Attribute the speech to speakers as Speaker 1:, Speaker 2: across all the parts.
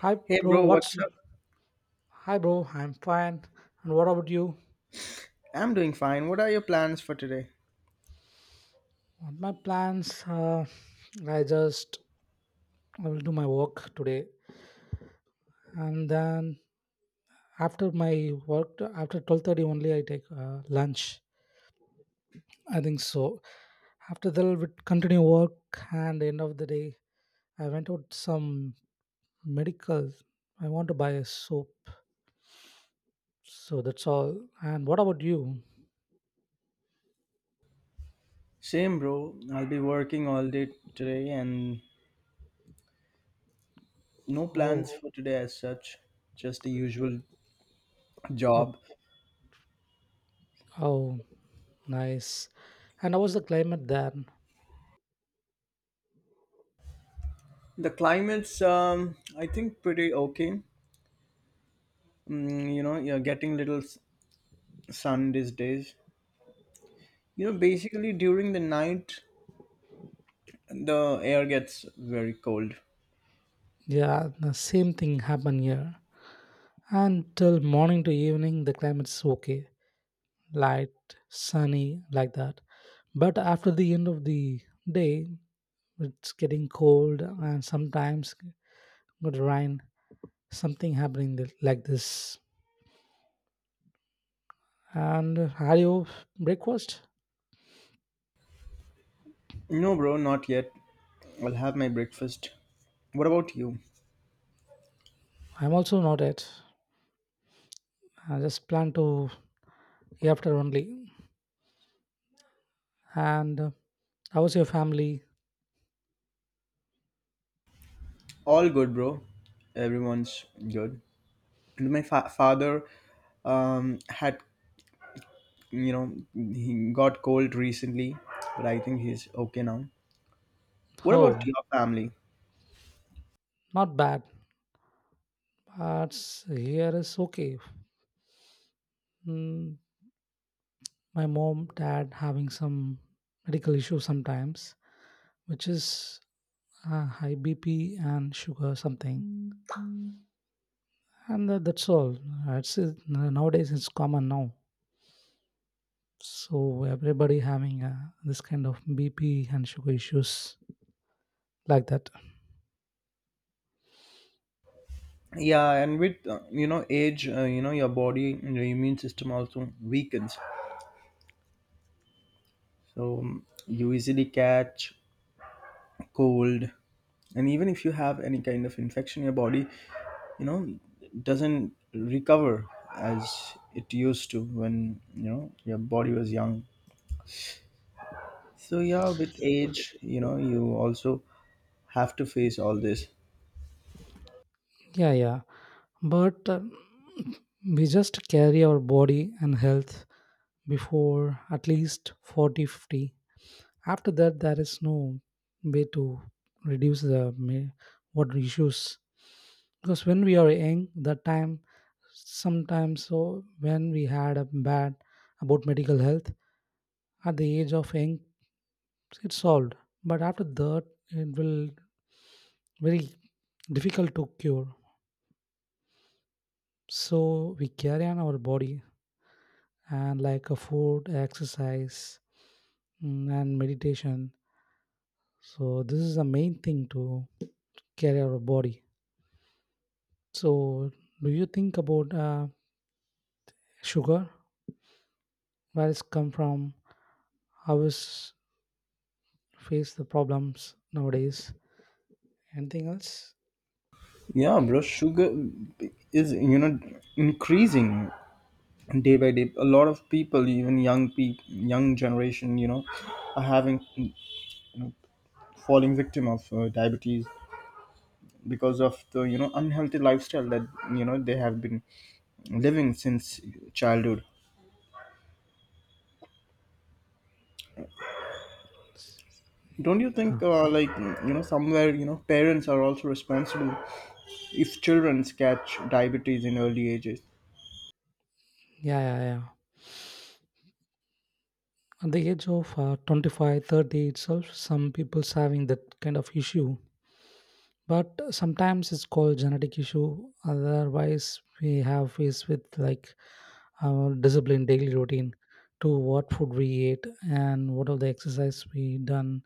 Speaker 1: Hi,
Speaker 2: Hey
Speaker 1: bro.
Speaker 2: bro, what's
Speaker 1: What's
Speaker 2: up?
Speaker 1: hi, bro? I'm fine. And what about you?
Speaker 2: I'm doing fine. What are your plans for today?
Speaker 1: What my plans? I just I will do my work today, and then after my work, after 12:30 only, I take lunch. I think so. After that, I will continue work, and end of the day, I went out some medical. I want to buy a soap, so that's all. And what about you?
Speaker 2: Same bro, I'll be working all day today and no
Speaker 1: Oh,
Speaker 2: plans for today as such, just the usual
Speaker 1: oh,
Speaker 2: job.
Speaker 1: oh, nice. And how was the climate there?
Speaker 2: The climate's I think pretty okay. You're getting little sun these days. You know, basically during the night the air gets very cold.
Speaker 1: Yeah, the same thing happened here. Until morning to evening, the climate's okay, light, sunny, like that. But after the end of the day, it's getting cold and sometimes good rain. Something happening like this. And are you breakfast?
Speaker 2: No bro, not yet. I'll have my breakfast. What about you?
Speaker 1: I'm also not yet. I just plan to after only. And how was your family?
Speaker 2: All good, bro. Everyone's good. And my father had, you know, he got cold recently, but I think he's okay now. What about
Speaker 1: Oh,
Speaker 2: your family?
Speaker 1: not bad. But here is okay. Mm, my mom dad having some medical issues sometimes, which is high BP and sugar something, and that's all. It's nowadays it's common now, so everybody having this kind of BP and sugar issues like that.
Speaker 2: Yeah, and with you know, age, you know, your body and your immune system also weakens, so you easily catch cold, and even if you have any kind of infection, your body, you know, doesn't recover as it used to when, you know, your body was young. So yeah, with age, you know, you also have to face all this.
Speaker 1: Yeah, yeah, but we just carry our body and health before at least 40, 50. After that there is no way to reduce the water issues, because when we are young, that time sometimes, so when we had a bad about medical health at the age of young it's solved, but after that it will very difficult to cure. So we carry on our body and like a food exercise, and meditation. So this is the main thing to carry our body. So, do you think about sugar, where it's come from, how it's face the problems nowadays? Anything else?
Speaker 2: Yeah, bro, sugar is, you know, increasing day by day. A lot of people, even young people, young generation, you know, are having, falling victim of diabetes because of the, you know, unhealthy lifestyle that, you know, they have been living since childhood. Don't you
Speaker 1: Huh.
Speaker 2: think, like, you know, somewhere, you know, parents are also responsible if children catch diabetes in early ages?
Speaker 1: Yeah, yeah, yeah. At the age of 25, 30 itself, some people's having that kind of issue. But sometimes it's called genetic issue. Otherwise, we have faced with like our discipline, daily routine, to what food we ate and what are the exercise we done.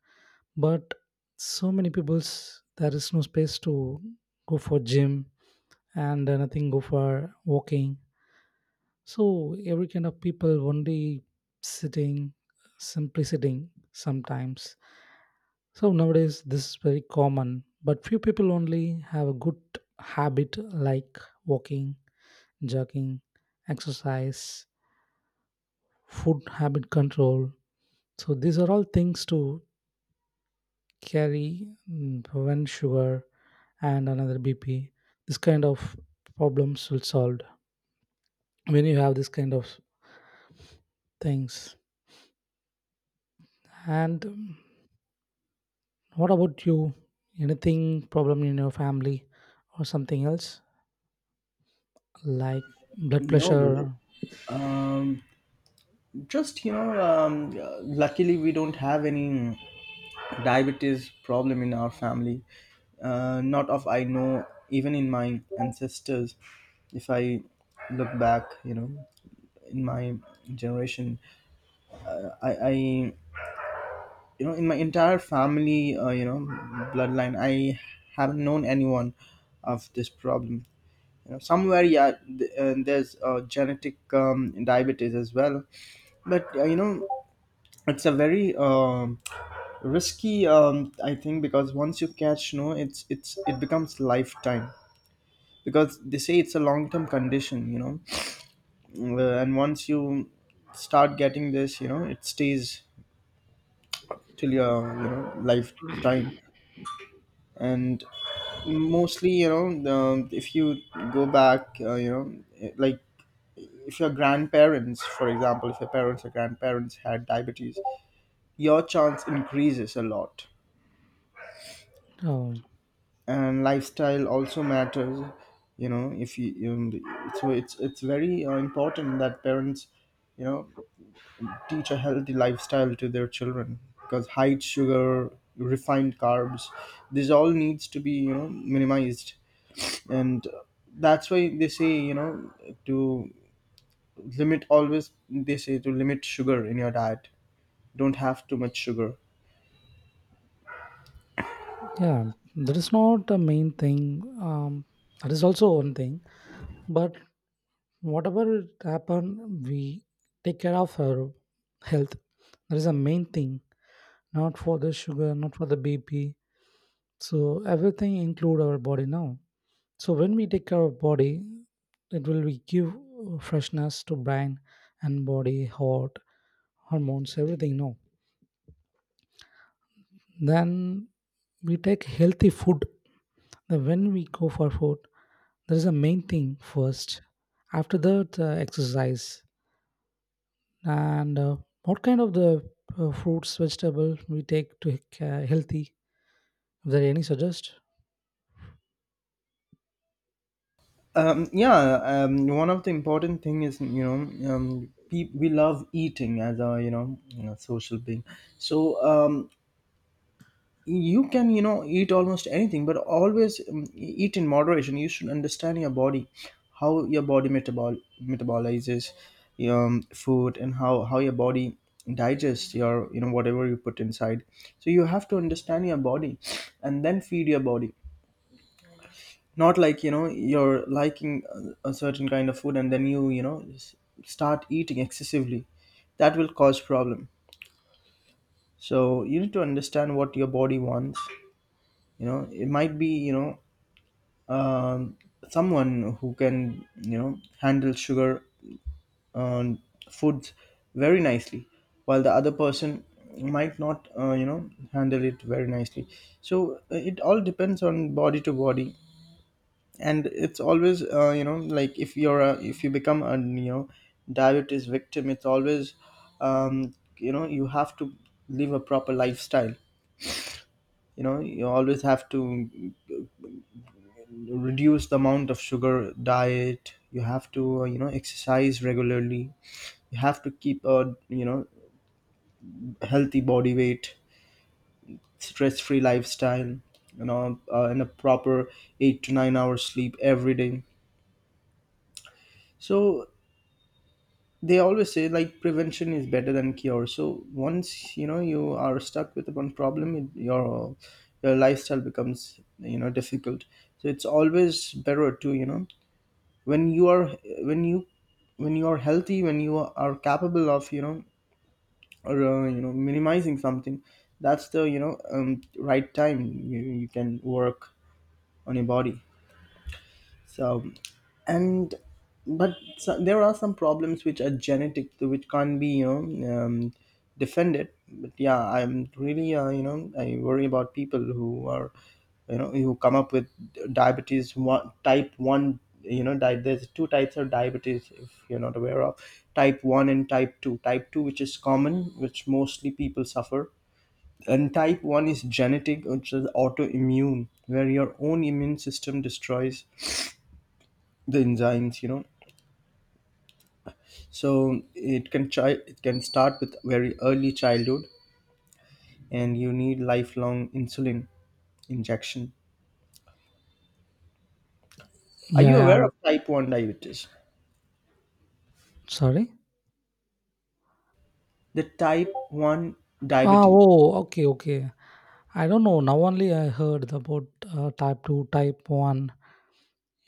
Speaker 1: But so many people's there is no space to go for gym, and nothing go for walking. So every kind of people only sitting, simply sitting sometimes. So nowadays this is very common, but few people only have a good habit like walking, jogging, exercise, food habit control. So these are all things to carry, one sugar and another BP. This kind of problems will solved when you have this kind of things. And what about you? Anything problem in your family or something else like blood
Speaker 2: No, bro.
Speaker 1: pressure?
Speaker 2: Um, just you know, luckily we don't have any diabetes problem in our family. Not of I know, even in my ancestors. If I look back, you know, in my generation, I you know, in my entire family, you know, bloodline, I haven't known anyone of this problem. You know, somewhere, yeah, there's genetic diabetes as well, but you know, it's a very risky. I think because once you catch, no, it becomes lifetime because they say it's a long term condition, you know. And once you start getting this, you know, it stays till your, you know, lifetime, and mostly, you know, the, if you go back, you know, like, if your grandparents, for example, if your parents or grandparents had diabetes, your chance increases a lot.
Speaker 1: um,
Speaker 2: And lifestyle also matters. You know, if so it's very important that parents, you know, teach a healthy lifestyle to their children because high sugar, refined carbs, this all needs to be, you know, minimized. And that's why they say, you know, to limit, always they say, to limit sugar in your diet. Don't have too much sugar.
Speaker 1: yeah, that is not the main thing. That is also one thing, but whatever it happen we take care of our health. That is the main thing, not for the sugar, not for the BP. So everything include our body now. So when we take care of body, it will be give freshness to brain and body, heart, hormones, everything. No, then we take healthy food. Then when we go for food, there is a main thing first. After that, exercise and what kind of the fruits, vegetable we take to healthy? Is there any suggest?
Speaker 2: Yeah, one of the important thing is, you know, we love eating as a, you know, a social being. So you can, you know, eat almost anything, but always, eat in moderation. You should understand your body, how your body metabolizes food, and how your body digests your, you know, whatever you put inside. So you have to understand your body, and then feed your body, not like, you know, you're liking a certain kind of food, and then you know, start eating excessively. That will cause problem. So you need to understand what your body wants. You know, it might be, you know, um, someone who can, you know, handle sugar, um, foods very nicely, while the other person might not, you know, handle it very nicely. So it all depends on body to body. And it's always, you know, like, if you're if you become a, you know, diabetes victim, it's always, you know, you have to live a proper lifestyle. You know, you always have to reduce the amount of sugar diet. You have to, you know, exercise regularly. You have to keep a, you know, healthy body weight, stress free lifestyle, you know, and a proper 8 to 9 hours sleep every day. So they always say, like, prevention is better than cure. So once, you know, you are stuck with one problem, your lifestyle becomes, you know, difficult. So it's always better to, you know, when you are, when you when you are healthy, when you are capable of, you know, or you know, minimizing something, that's the, you know, right time you can work on your body. So, and but so, there are some problems which are genetic, which can't be, you know, defended. But yeah, I'm really, you know, I worry about people who are, you know, who come up with diabetes, one type one. You know, there's two types of diabetes, if you're not aware of, type 1 and type 2. Type 2, which is common, which mostly people suffer, and type 1 is genetic, which is autoimmune, where your own immune system destroys the enzymes, you know. So it can try, it can start with very early childhood, and you need lifelong insulin injection. Are
Speaker 1: Yeah,
Speaker 2: you
Speaker 1: yeah.
Speaker 2: aware of type 1 diabetes?
Speaker 1: Sorry.
Speaker 2: The type 1
Speaker 1: Ah,
Speaker 2: diabetes,
Speaker 1: oh, okay, okay. I don't know. Now only I heard about type 2, type 1.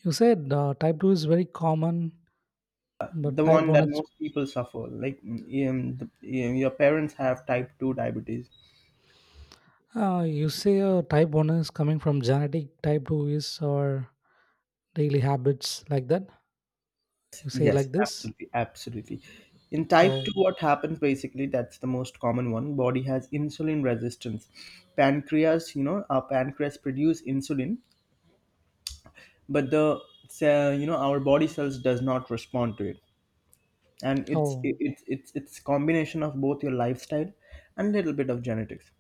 Speaker 1: You said type 2 is very common, but
Speaker 2: the
Speaker 1: type
Speaker 2: one
Speaker 1: 1
Speaker 2: that
Speaker 1: is.
Speaker 2: most people suffer like, your parents have type 2 diabetes.
Speaker 1: You say type 1 is coming from genetic, type 2 is our daily habits, like that. You say
Speaker 2: Yes,
Speaker 1: like this?
Speaker 2: absolutely, absolutely. In type
Speaker 1: Oh,
Speaker 2: 2, what happens basically, that's the most common one, body has insulin resistance. Pancreas, you know, our pancreas produce insulin, but the, you know, our body cells does not respond to it. And it's
Speaker 1: oh,
Speaker 2: it- it's combination of both your lifestyle and little bit of genetics.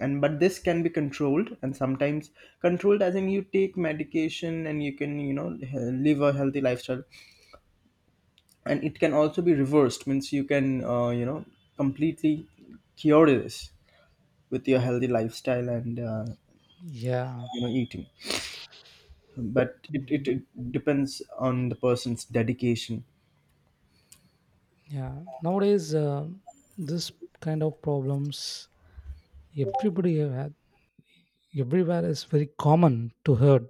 Speaker 2: And but this can be controlled, and sometimes controlled as in you take medication, and you can, you know, live a healthy lifestyle. And it can also be reversed, means you can, you know, completely cure this with your healthy lifestyle and,
Speaker 1: yeah.
Speaker 2: you know, eating. But it, it,
Speaker 1: But
Speaker 2: it depends on the person's dedication.
Speaker 1: yeah, nowadays, this kind of problems everybody everywhere is very common to heard.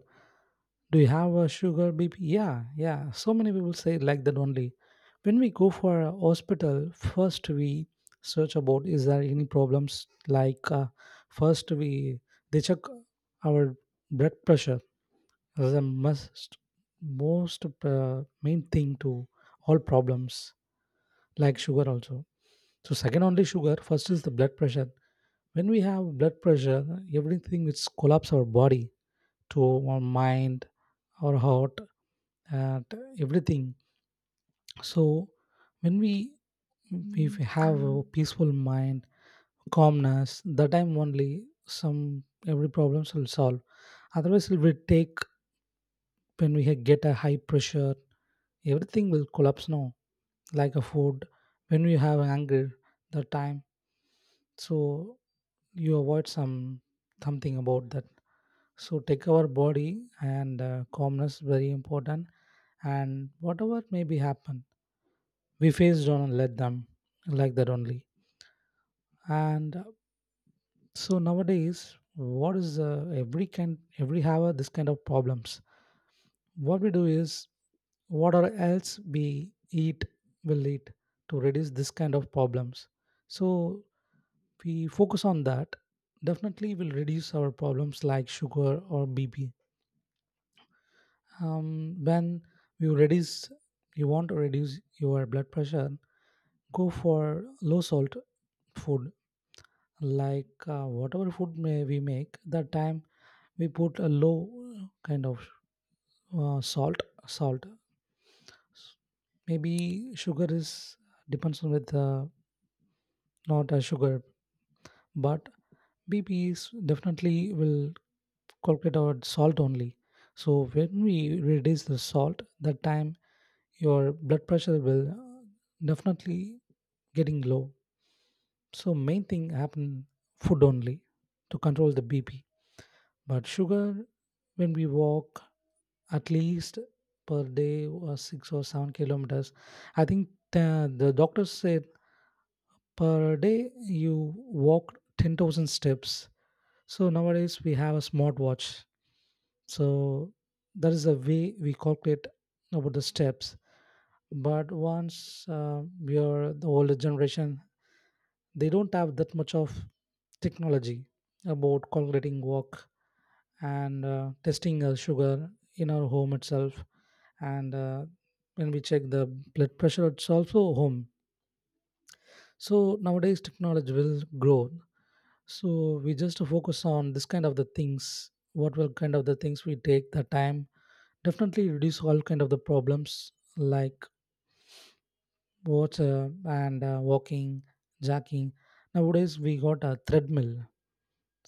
Speaker 1: Do you have a sugar BP? Yeah, yeah. So many people say like that only. When we go for a hospital, first we search about is there any problems. Like first we they check our blood pressure as a must most main thing to all problems like sugar also. So second only sugar. First is the blood pressure. When we have blood pressure, everything which collapse our body to our mind, our heart, at everything. So when we have a peaceful mind, calmness, the time only some every problems will solve. Otherwise, it will take when we get a high pressure, everything will collapse now. Like a food, when you have anger, the time, so you avoid some something about that. So take our body and calmness very important, and whatever may be happen we faced on and let them like that only. And so nowadays what is every kind every have this kind of problems, what we do is whatever else we eat will eat to reduce this kind of problems. So we focus on that definitely will reduce our problems like sugar or BP. When you reduce, you want to reduce your blood pressure, go for low salt food like whatever food may we make that time we put a low kind of salt S- maybe sugar is depends on with not a sugar. But BPs definitely will calculate our salt only. So when we reduce the salt that time your blood pressure will definitely getting low. So main thing happen food only, to control the BP. But sugar, when we walk at least per day was 6 or 7 kilometers. I think the doctor said per day you walk 10,000 steps. So nowadays we have a smartwatch. So that is the way we calculate about the steps, but once we are the older generation they don't have that much of technology about calculating walk and testing sugar in our home itself. And when we check the blood pressure it's also home. So nowadays technology will grow. So we just focus on this kind of the things, what will kind of the things we take the time definitely reduce all kind of the problems like water and walking, jacking. Nowadays we got a treadmill.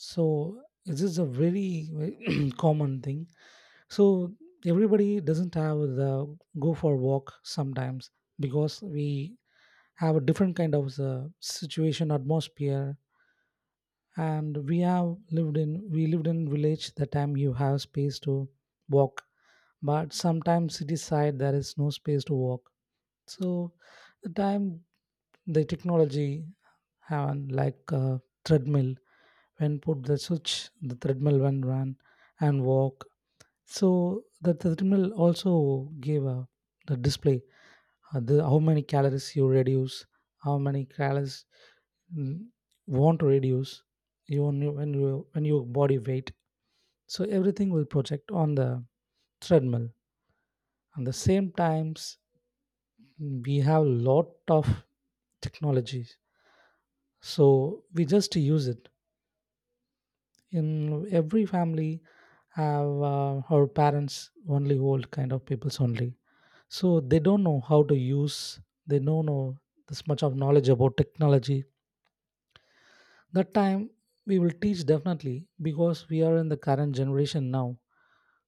Speaker 1: So this is a very very common thing. So everybody doesn't have the go for walk sometimes, because we have a different kind of situation atmosphere, and we lived in village the time you have space to walk. But sometimes city side there is no space to walk. So the time the technology have an like a treadmill, when put the switch the treadmill when run and walk. So the treadmill also gave a the display, the, how many calories you reduce, how many calories, mm, want to reduce when you when your body weight. So everything will project on the treadmill. And the same times we have lot of technologies, so we just use it in every family have our parents only old kind of peoples only. So they don't know how to use, they don't know this much of knowledge about technology. That time we will teach, definitely, because we are in the current generation now.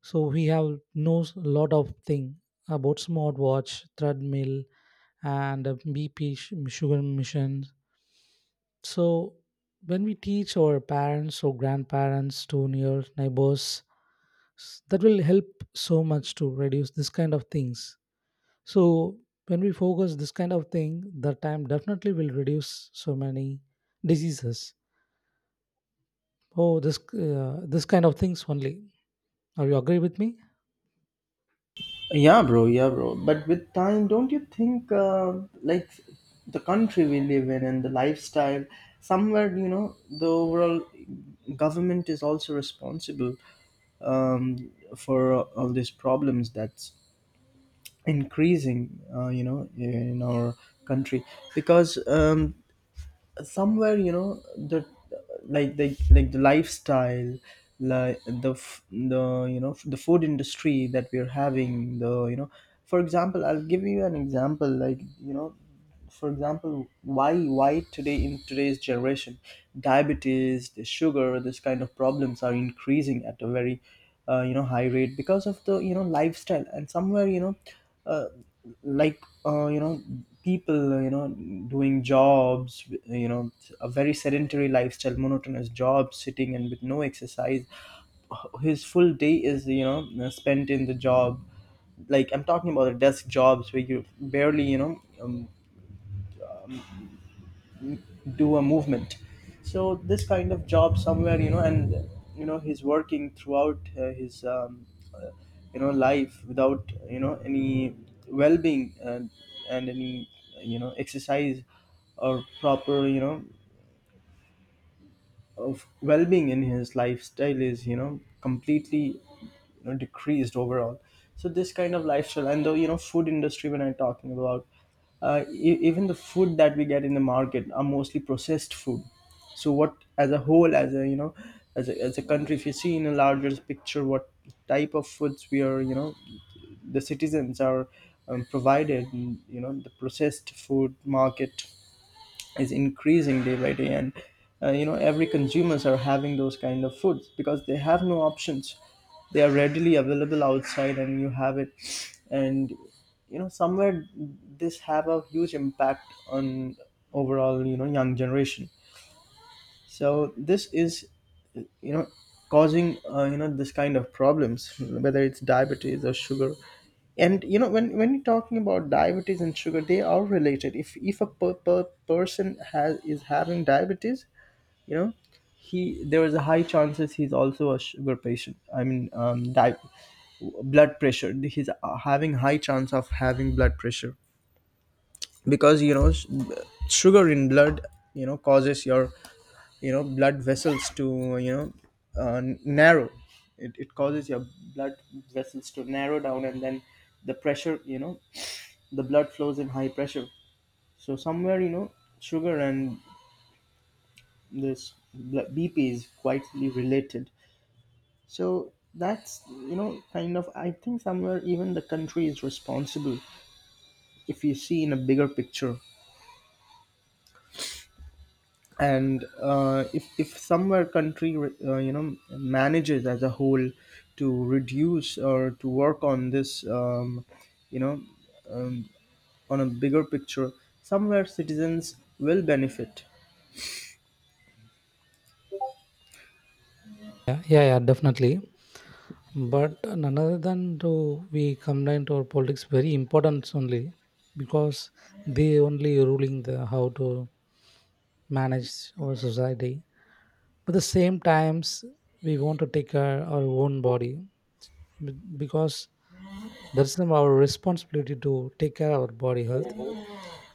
Speaker 1: So we have knows a lot of thing about smartwatch, treadmill, and BP, sugar machine. So when we teach our parents or grandparents to near neighbors, that will help so much to reduce this kind of things. So when we focus this kind of thing, the time definitely will reduce so many diseases. Oh, this this kind of things only. Are you agree with me?
Speaker 2: Yeah, bro. Yeah, bro. But with time, don't you think, like, the country we live in and the lifestyle, somewhere, you know, the overall government is also responsible, um, for all these problems that's increasing, you know, in our country. Because somewhere you know the, like the lifestyle, the, you know, the food industry that we're having, the, you know, for example, I'll give you an example. Like, you know, for example, why today, in today's generation, diabetes, the sugar, this kind of problems are increasing at a very, you know, high rate because of the, you know, lifestyle. And somewhere, you know, uh, you know, people, you know, doing jobs, you know, a very sedentary lifestyle, monotonous job, sitting and with no exercise. His full day is, you know, spent in the job. Like, I'm talking about the desk jobs where you barely, you know, um, do a movement. So this kind of job, somewhere, you know, and you know he's working throughout, his uh, you know, life without, you know, any well-being and any, you know, exercise or proper, you know, of well-being in his lifestyle is, you know, completely, you know, decreased overall. So this kind of lifestyle and the, you know, food industry when I'm talking about, even the food that we get in the market are mostly processed food. So what, as a whole, as a, you know, as a country, if you see in a larger picture, what type of foods we are, you know, the citizens are, provided, you know, the processed food market is increasing day by day. And you know, every consumers are having those kind of foods because they have no options. They are readily available outside and you have it. And you know, somewhere this have a huge impact on overall, you know, young generation. So this is, you know, causing, you know, this kind of problems, whether it's diabetes or sugar. And you know, when you're talking about diabetes and sugar, they are related. If per person has, is having diabetes, you know, he, there is a high chances he's also a sugar patient. I mean, blood pressure, he's, having high chance of having blood pressure. Because, you know, sugar in blood, you know, causes your, you know, blood vessels to, you know, narrow. It causes your blood vessels to narrow down, and then the pressure, you know, the blood flows in high pressure. So somewhere, you know, sugar and this bp is quietly related. So that's, you know, kind of, I think somewhere even the country is responsible, if you see in a bigger picture. And if somewhere country, you know, manages as a whole to reduce or to work on this, you know, on a bigger picture, somewhere citizens will benefit.
Speaker 1: Yeah, yeah, yeah, definitely. But another than to we combined our politics very important only, because they only ruling the how to manage our society. But the same times we want to take care our own body, because that's not our responsibility to take care of our body health.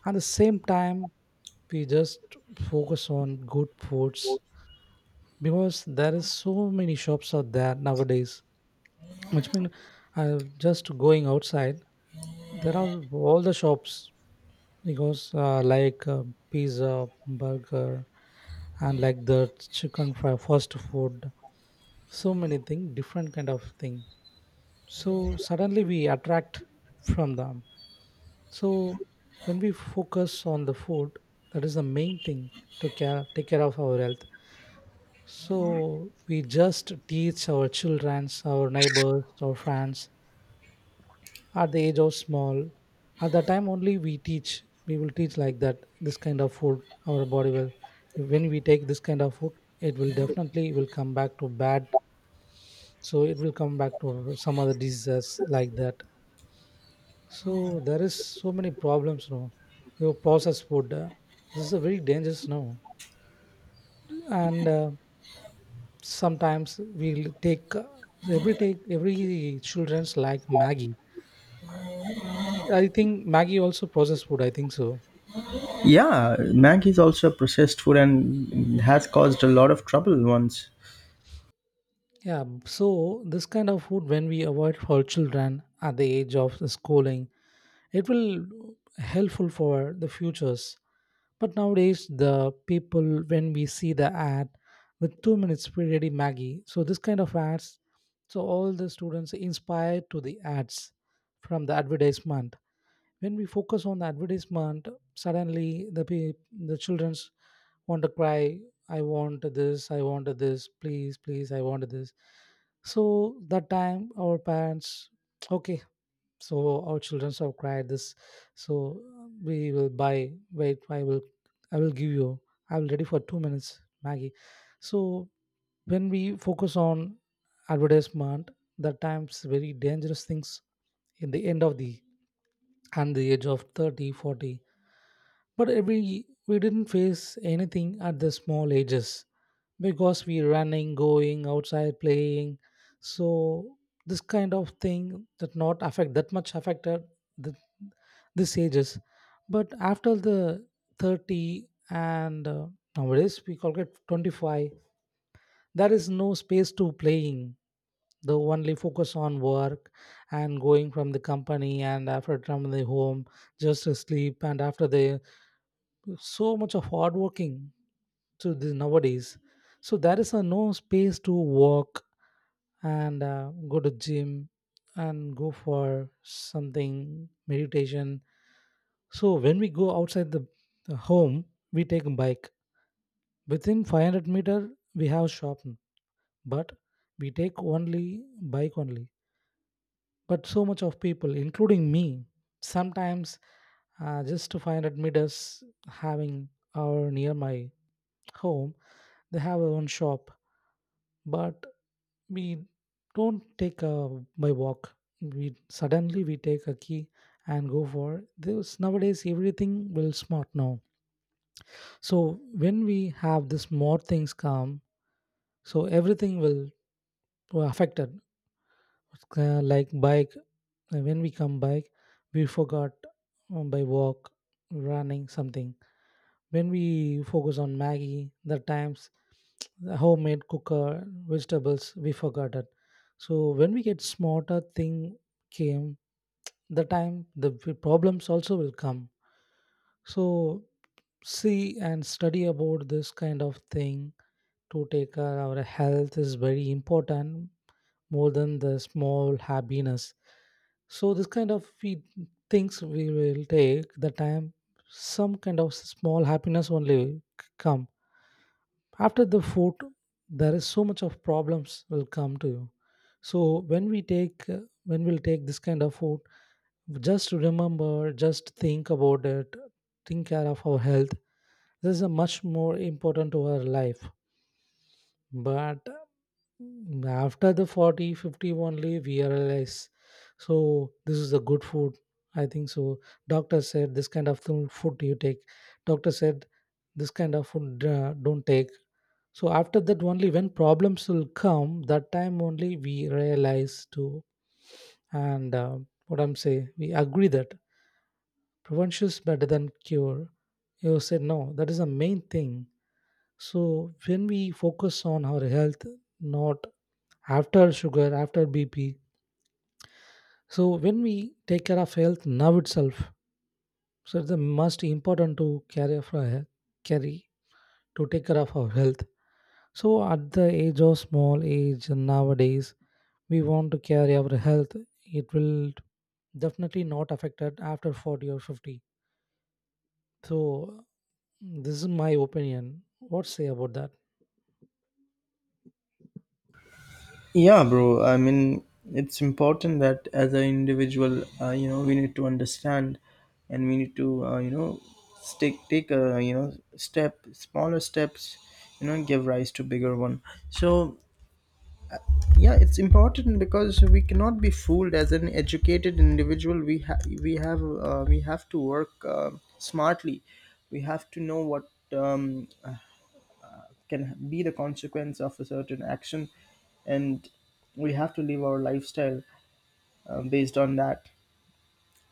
Speaker 1: At the same time, we just focus on good foods, because there is so many shops out there nowadays, which mean just going outside there are all the shops. Because like pizza, burger, and like the chicken fry fast food, so many thing different kind of thing, so suddenly we attract from them. So when we focus on the food, that is the main thing to care take care of our health. So we just teach our children, our neighbors, our friends at the age of small. At that time only we teach. We will teach like that. This kind of food, our body will. When we take this kind of food, it will definitely will come back to bad. So it will come back to some other diseases like that. So there is so many problems now. Your processed food, this is a very dangerous now, and sometimes we'll take every take every children's like maggie. I think maggie also processed food, I think so.
Speaker 2: Yeah, Maggie is also a processed food and has caused a lot of trouble once.
Speaker 1: Yeah, so this kind of food when we avoid for children at the age of the schooling, it will helpful for the futures. But nowadays the people, when we see the ad with 2 minutes ready maggie, so this kind of ads, so all the students inspired to the ads from the advertisement. When we focus on the advertisement, suddenly the childrens want to cry. I want this, I want this, please please, I want this. So that time our parents okay, so our children have cried this, so we will buy. Wait, I will I will give you, I will ready for 2 minutes maggie. So when we focus on advertisement, that times very dangerous things in the end of the and the age of 30, 40. But every we didn't face anything at the small ages because we running, going outside, playing. So this kind of thing that not affect that much affected the, this ages. But after the 30 and nowadays we call it 25, there is no space to playing. The only focus on work and going from the company and after from the home just to sleep and after the so much of hard working to this nowadays. So there is a no space to walk and go to gym and go for something meditation. So when we go outside the home, we take a bike. Within 500 meter we have shop, but we take only bike only. But so much of people including me sometimes just to 500 meters having our near my home, they have our own shop, but we don't take a by walk. We suddenly we take a key and go for this. Nowadays everything will smart now, so when we have this more things come, so everything will affected. Like bike, when we come bike, we forgot, by walk, running something. When we focus on maggie the times, the homemade cooker vegetables we forgot it. So when we get smarter thing came, the time problems also will come. So see and study about this kind of thing. To take care our health is very important, more than the small happiness. So this kind of things we will take the time some kind of small happiness only come. After the food there is so much of problems will come to you. So when we take when we'll take this kind of food, just remember, just think about it. Think care of our health. This is a much more important to our life. But after the 40 50 only we realize, so this is a good food, I think so. Doctor said this kind of thing, food you take. Doctor said this kind of food don't take. So after that only when problems will come, that time only we realize too. And what I'm saying, we agree that prevention is better than cure. You said no, that is the main thing. So when we focus on our health, not after sugar, after BP. So when we take care of health now itself, so it's the most important to carry for health, carry to take care of our health. So at the age of small age nowadays, we want to carry our health. It will definitely not affected after 40 or 50. So this is my opinion. What say about that?
Speaker 2: Yeah, bro. I mean, it's important that as an individual, we need to understand, and we need to, stick take a you know step, smaller steps, you know, give rise to bigger one. So yeah, it's important because we cannot be fooled. As an educated individual, we have to work smartly. We have to know what can be the consequence of a certain action and we have to live our lifestyle based on that,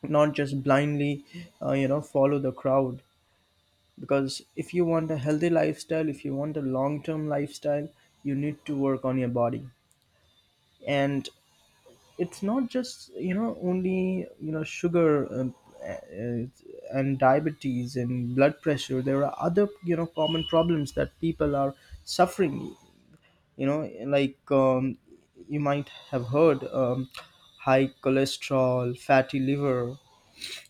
Speaker 2: not just blindly, you know, follow the crowd, because if you want a healthy lifestyle, if you want a long term lifestyle, you need to work on your body. And it's not just, you know, only, you know, sugar, uh, and diabetes and blood pressure. There are other, you know, common problems that people are suffering, you know, you might have heard, high cholesterol, fatty liver.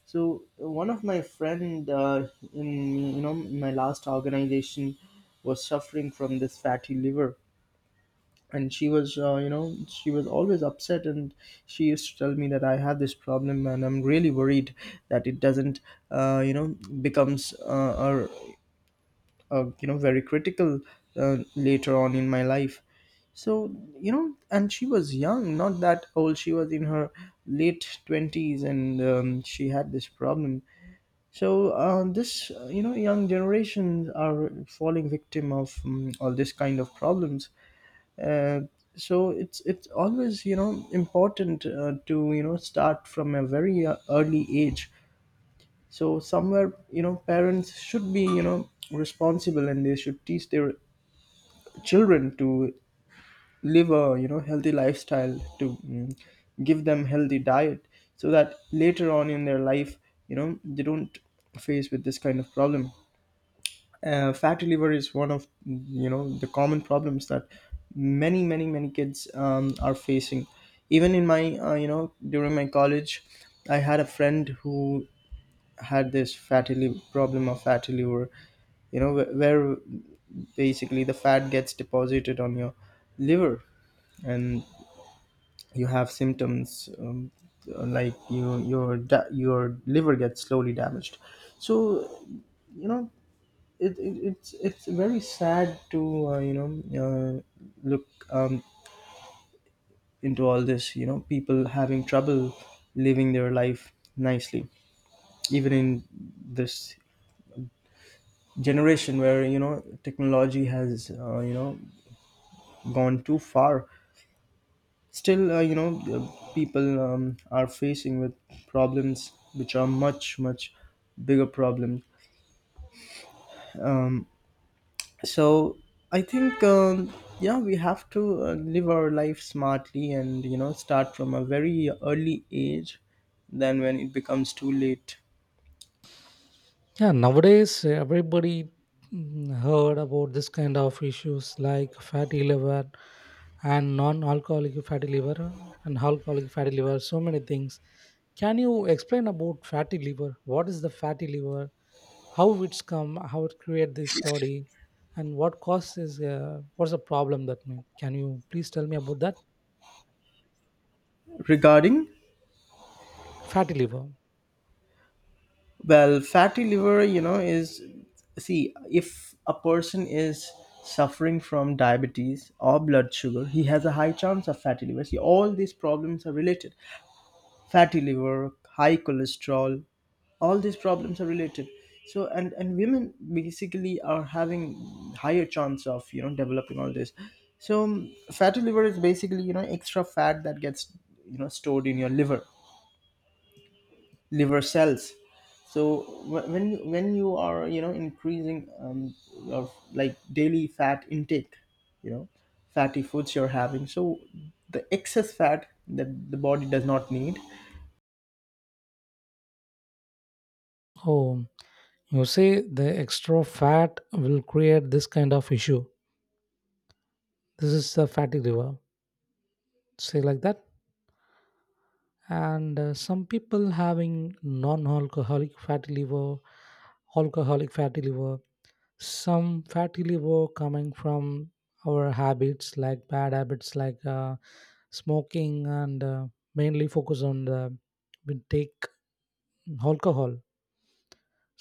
Speaker 2: So one of my friend, in, you know, my last organization, was suffering from this fatty liver. And she was, uh, you know, she was always upset, and she used to tell me that I have this problem and I'm really worried that it doesn't, uh, you know, becomes, a, uh, you know, very critical, later on in my life. So, you know, and she was young, not that old, she was in her late 20s, and she had this problem. So this, you know, young generations are falling victim of, all this kind of problems. uh, so it's always, you know, important, to, you know, start from a very, early age. So somewhere, you know, parents should be, you know, responsible, and they should teach their children to live a, you know, healthy lifestyle, to give them healthy diet, so that later on in their life, you know, they don't face with this kind of problem. Fatty liver is one of, you know, the common problems that many, many, many kids are facing. Even in my, you know, during my college, I had a friend who had this fatty liver, problem of fatty liver, you know, where basically the fat gets deposited on your liver. And you have symptoms, like you, your liver gets slowly damaged. So, you know, it's very sad to, uh, look, into all this, you know, people having trouble living their life nicely, even in this generation where, you know, technology has, you know, gone too far. Still, people, are facing with problems which are much, much bigger problems. um, so I think, yeah, we have to, live our life smartly and, you know, start from a very early age than when it becomes too late.
Speaker 1: Yeah, nowadays everybody heard about this kind of issues like fatty liver and non-alcoholic fatty liver and alcoholic fatty liver, so many things. Can you explain about fatty liver? What is the fatty liver? How it's come? How it create this body? And what causes? What's the problem that mean? Can you please tell me about that
Speaker 2: Regarding.
Speaker 1: fatty liver?
Speaker 2: Well, fatty liver, you know, is, see, if a person is suffering from diabetes or blood sugar, he has a high chance of fatty liver. See, all these problems are related. Fatty liver, high cholesterol, all these problems are related. So, and women basically are having higher chance of, you know, developing all this. So, fatty liver is basically, you know, extra fat that gets, you know, stored in your liver, liver cells. So when you are, you know, increasing your, like, daily fat intake, you know, fatty foods you're having, so the excess fat that the body does not need.
Speaker 1: Oh, you say the extra fat will create this kind of issue. This is the fatty liver, say like that. And some people having non-alcoholic fatty liver, alcoholic fatty liver. Some fatty liver coming from our habits, like bad habits, like smoking and mainly focus on the we take alcohol.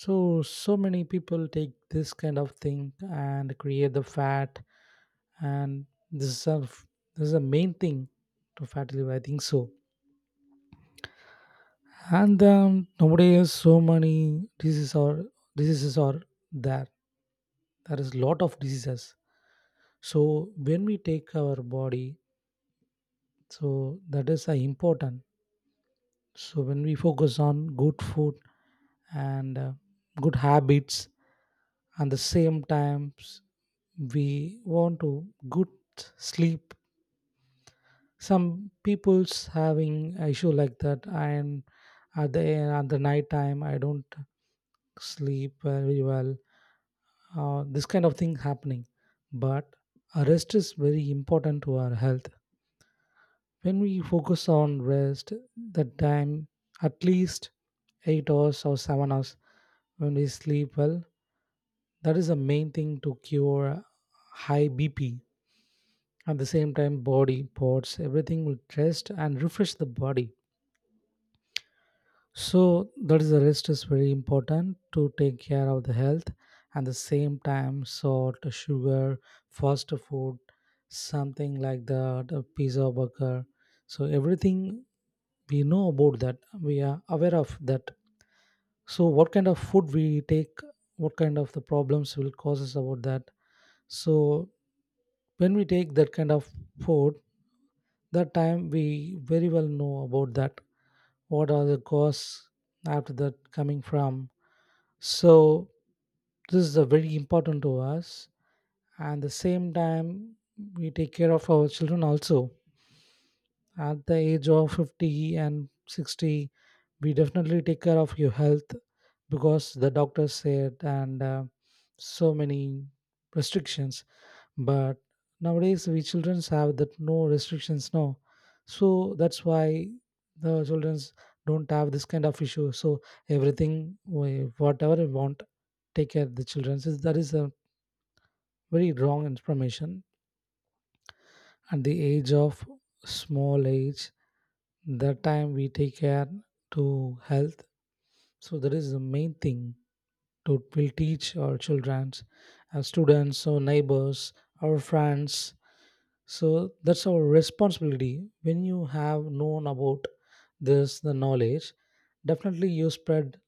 Speaker 1: So so many people take this kind of thing and create the fat. And this is a this is a main thing to fatty liver, I think so. And nowadays so many diseases are there. There is lot of diseases. So when we take our body, so that is important. So when we focus on good food and good habits, and the same times we want to good sleep. Some people's having a issue like that, and at the at the night time I don't sleep very well. This kind of thing happening. But rest is very important to our health. When we focus on rest, that time at least 8 hours or 7 hours, when we sleep well, that is the main thing to cure high bp. At the same time, body, parts, everything will rest and refresh the body. So that is the rest is very important to take care of the health. At the same time, salt, sugar, fast food, something like that, a pizza burger. So everything we know about that, we are aware of that. So what kind of food we take, what kind of the problems will cause us about that. So when we take that kind of food, that time we very well know about that, what are the costs after that coming from. So this is a very important to us. And the same time we take care of our children also. At the age of 50 and 60 we definitely take care of your health because the doctor said, and so many restrictions. But nowadays we childrens have that no restrictions now, so that's why the childrens don't have this kind of issue. So everything whatever we want, take care of the children, so that is a very wrong information. At the age of small age, that time we take care to health. So that is the main thing, to will teach our children, our students, our neighbors, our friends. So that's our responsibility. When you have known about this the knowledge, definitely you spread,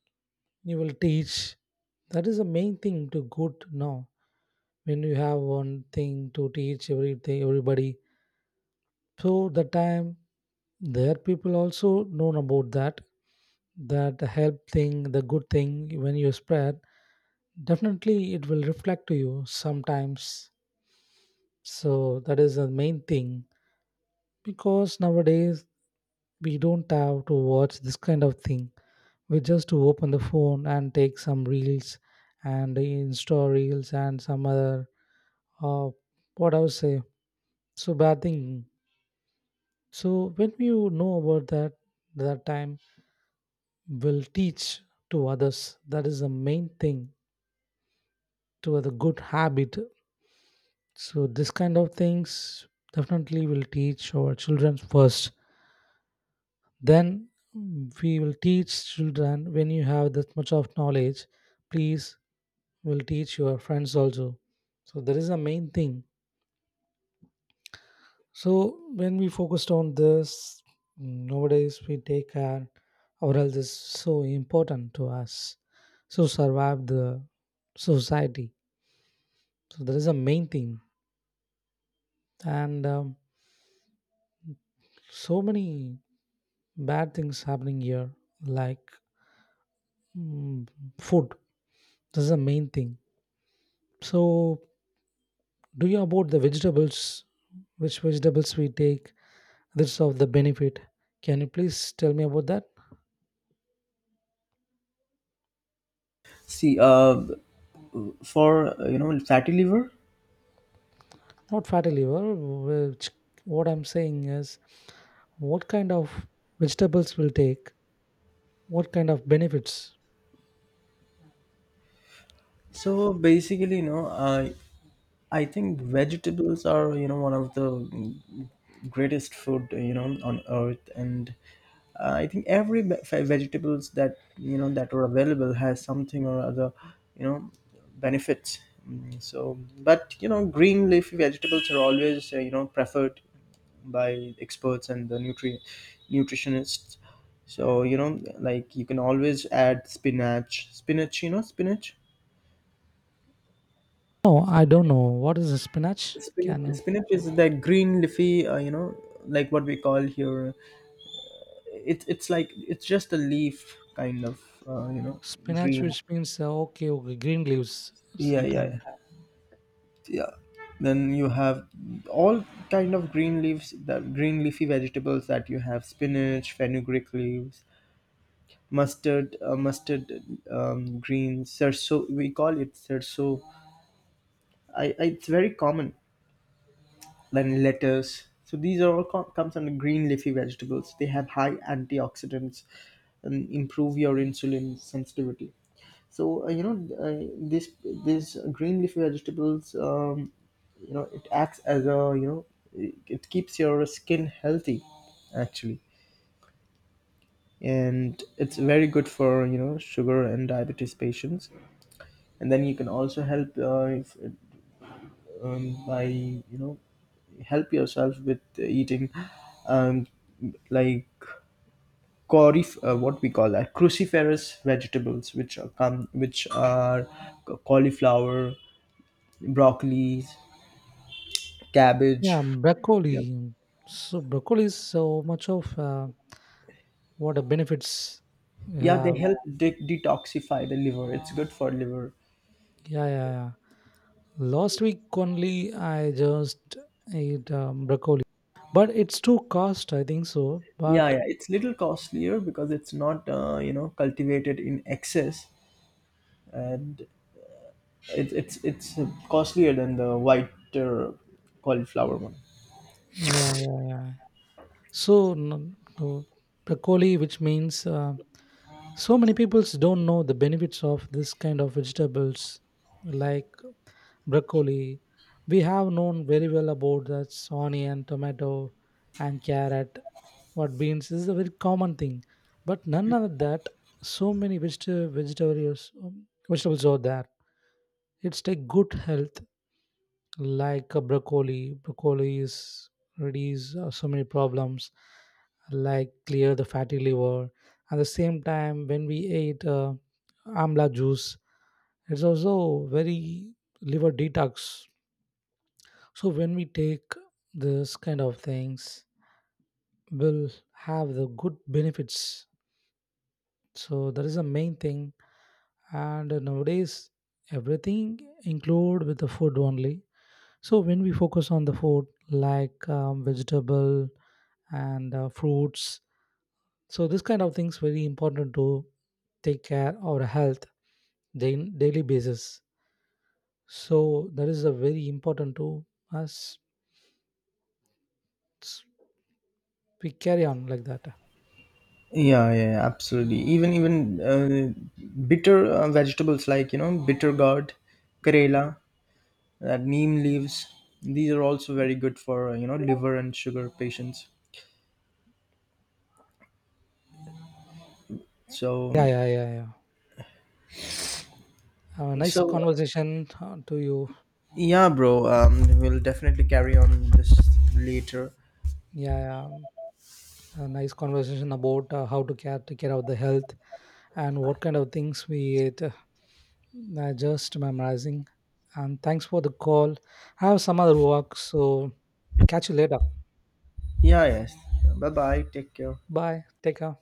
Speaker 1: you will teach. That is the main thing to good now. When you have one thing to teach everything everybody, so the time their people also known about that, that the help thing, the good thing, when you spread, definitely it will reflect to you sometimes. So that is the main thing. Because nowadays we don't have to watch this kind of thing. We just to open the phone and take some reels and insta reels and some other, uh, what I would say, so bad thing. So when we know about that, that time will teach to others. That is the main thing, to the good habit. So this kind of things, definitely will teach our children first. Then we will teach children. When you have that much of knowledge, please, will teach your friends also. So that is the main thing. So when we focused on this, nowadays we take care, our health is so important to us. So survive the society. So that is the main thing. And so many bad things happening here, like mm, food. This is the main thing. So do you about the vegetables, which vegetables we take, that's of the benefit. Can you please tell me about that?
Speaker 2: See for you know, fatty liver.
Speaker 1: Not fatty liver, which, what I'm saying is what kind of vegetables will take, what kind of benefits?
Speaker 2: So basically, you know, I think vegetables are, you know, one of the greatest food, you know, on earth. And I think every vegetables that, you know, that are available has something or other, you know, benefits. So, but you know, green leafy vegetables are always, you know, preferred by experts and the nutritionists. So, you know, like, you can always add you know, spinach.
Speaker 1: No, I don't know. What is a spinach?
Speaker 2: Spinach,
Speaker 1: Can you
Speaker 2: spinach is that green leafy, you know, like what we call here. It's just a leaf kind of, you know,
Speaker 1: spinach,
Speaker 2: green.
Speaker 1: which means okay, okay, green leaves
Speaker 2: Yeah, yeah,
Speaker 1: sometime.
Speaker 2: yeah. Yeah. Then you have all kind of green leaves, the green leafy vegetables that you have: spinach, fenugreek leaves, mustard greens, serso. We call it serso. I it's very common. Then lettuce. So these are all comes under green leafy vegetables. They have high antioxidants and improve your insulin sensitivity. So this, this green leafy vegetables. You know, it acts as a, you know, it keeps your skin healthy, actually. And it's very good for, you know, sugar and diabetes patients. And then you can also help, if, by, you know, help yourself with eating, um, like, corif what we call that, cruciferous vegetables, which are cauliflower, broccoli, cabbage.
Speaker 1: Yeah,
Speaker 2: Yeah,
Speaker 1: broccoli. So broccoli is so much of what a benefits we
Speaker 2: yeah, they
Speaker 1: have.
Speaker 2: help detoxify the liver. It's good for liver.
Speaker 1: Yeah, yeah, yeah. Last week only I just ate broccoli, but it's too cost, I think so.
Speaker 2: Yeah,
Speaker 1: But
Speaker 2: yeah, it's little costlier because it's not, you know, cultivated in excess. And it's costlier than the white, uh, cauliflower one.
Speaker 1: yeah, yeah, yeah. So no, no, broccoli, which means so many people don't know the benefits of this kind of vegetables, like broccoli. We have known very well about that onion, tomato, and carrot. What beans this is a very common thing, but none of that. So many vegetables, vegetables are there. It's a good health, like a broccoli. Broccoli is reduce so many problems, like clear the fatty liver. At the same time when we ate amla juice, it's also very liver detox. So when we take this kind of things, will have the good benefits. So that is the main thing. And nowadays everything include with the food only. So when we focus on the food like vegetable and fruits, so this kind of things very important to take care of our health then daily basis. So that is a very important to us. S- We carry on like that.
Speaker 2: Yeah, yeah, yeah, absolutely. Even bitter, vegetables like, you know, bitter gourd, karela, neem leaves. These are also very good for, you know, liver and sugar patients.
Speaker 1: Yeah,
Speaker 2: So,
Speaker 1: yeah, yeah, yeah. Nice
Speaker 2: so
Speaker 1: conversation to you.
Speaker 2: yeah, bro. We'll definitely carry on this later.
Speaker 1: Yeah, yeah. A nice conversation about how to care take care of the health and what kind of things we eat. Just memorizing. And thanks for the call. I have some other work, so catch you later.
Speaker 2: Yeah, yes. Bye bye. Take care.
Speaker 1: Bye. Take care.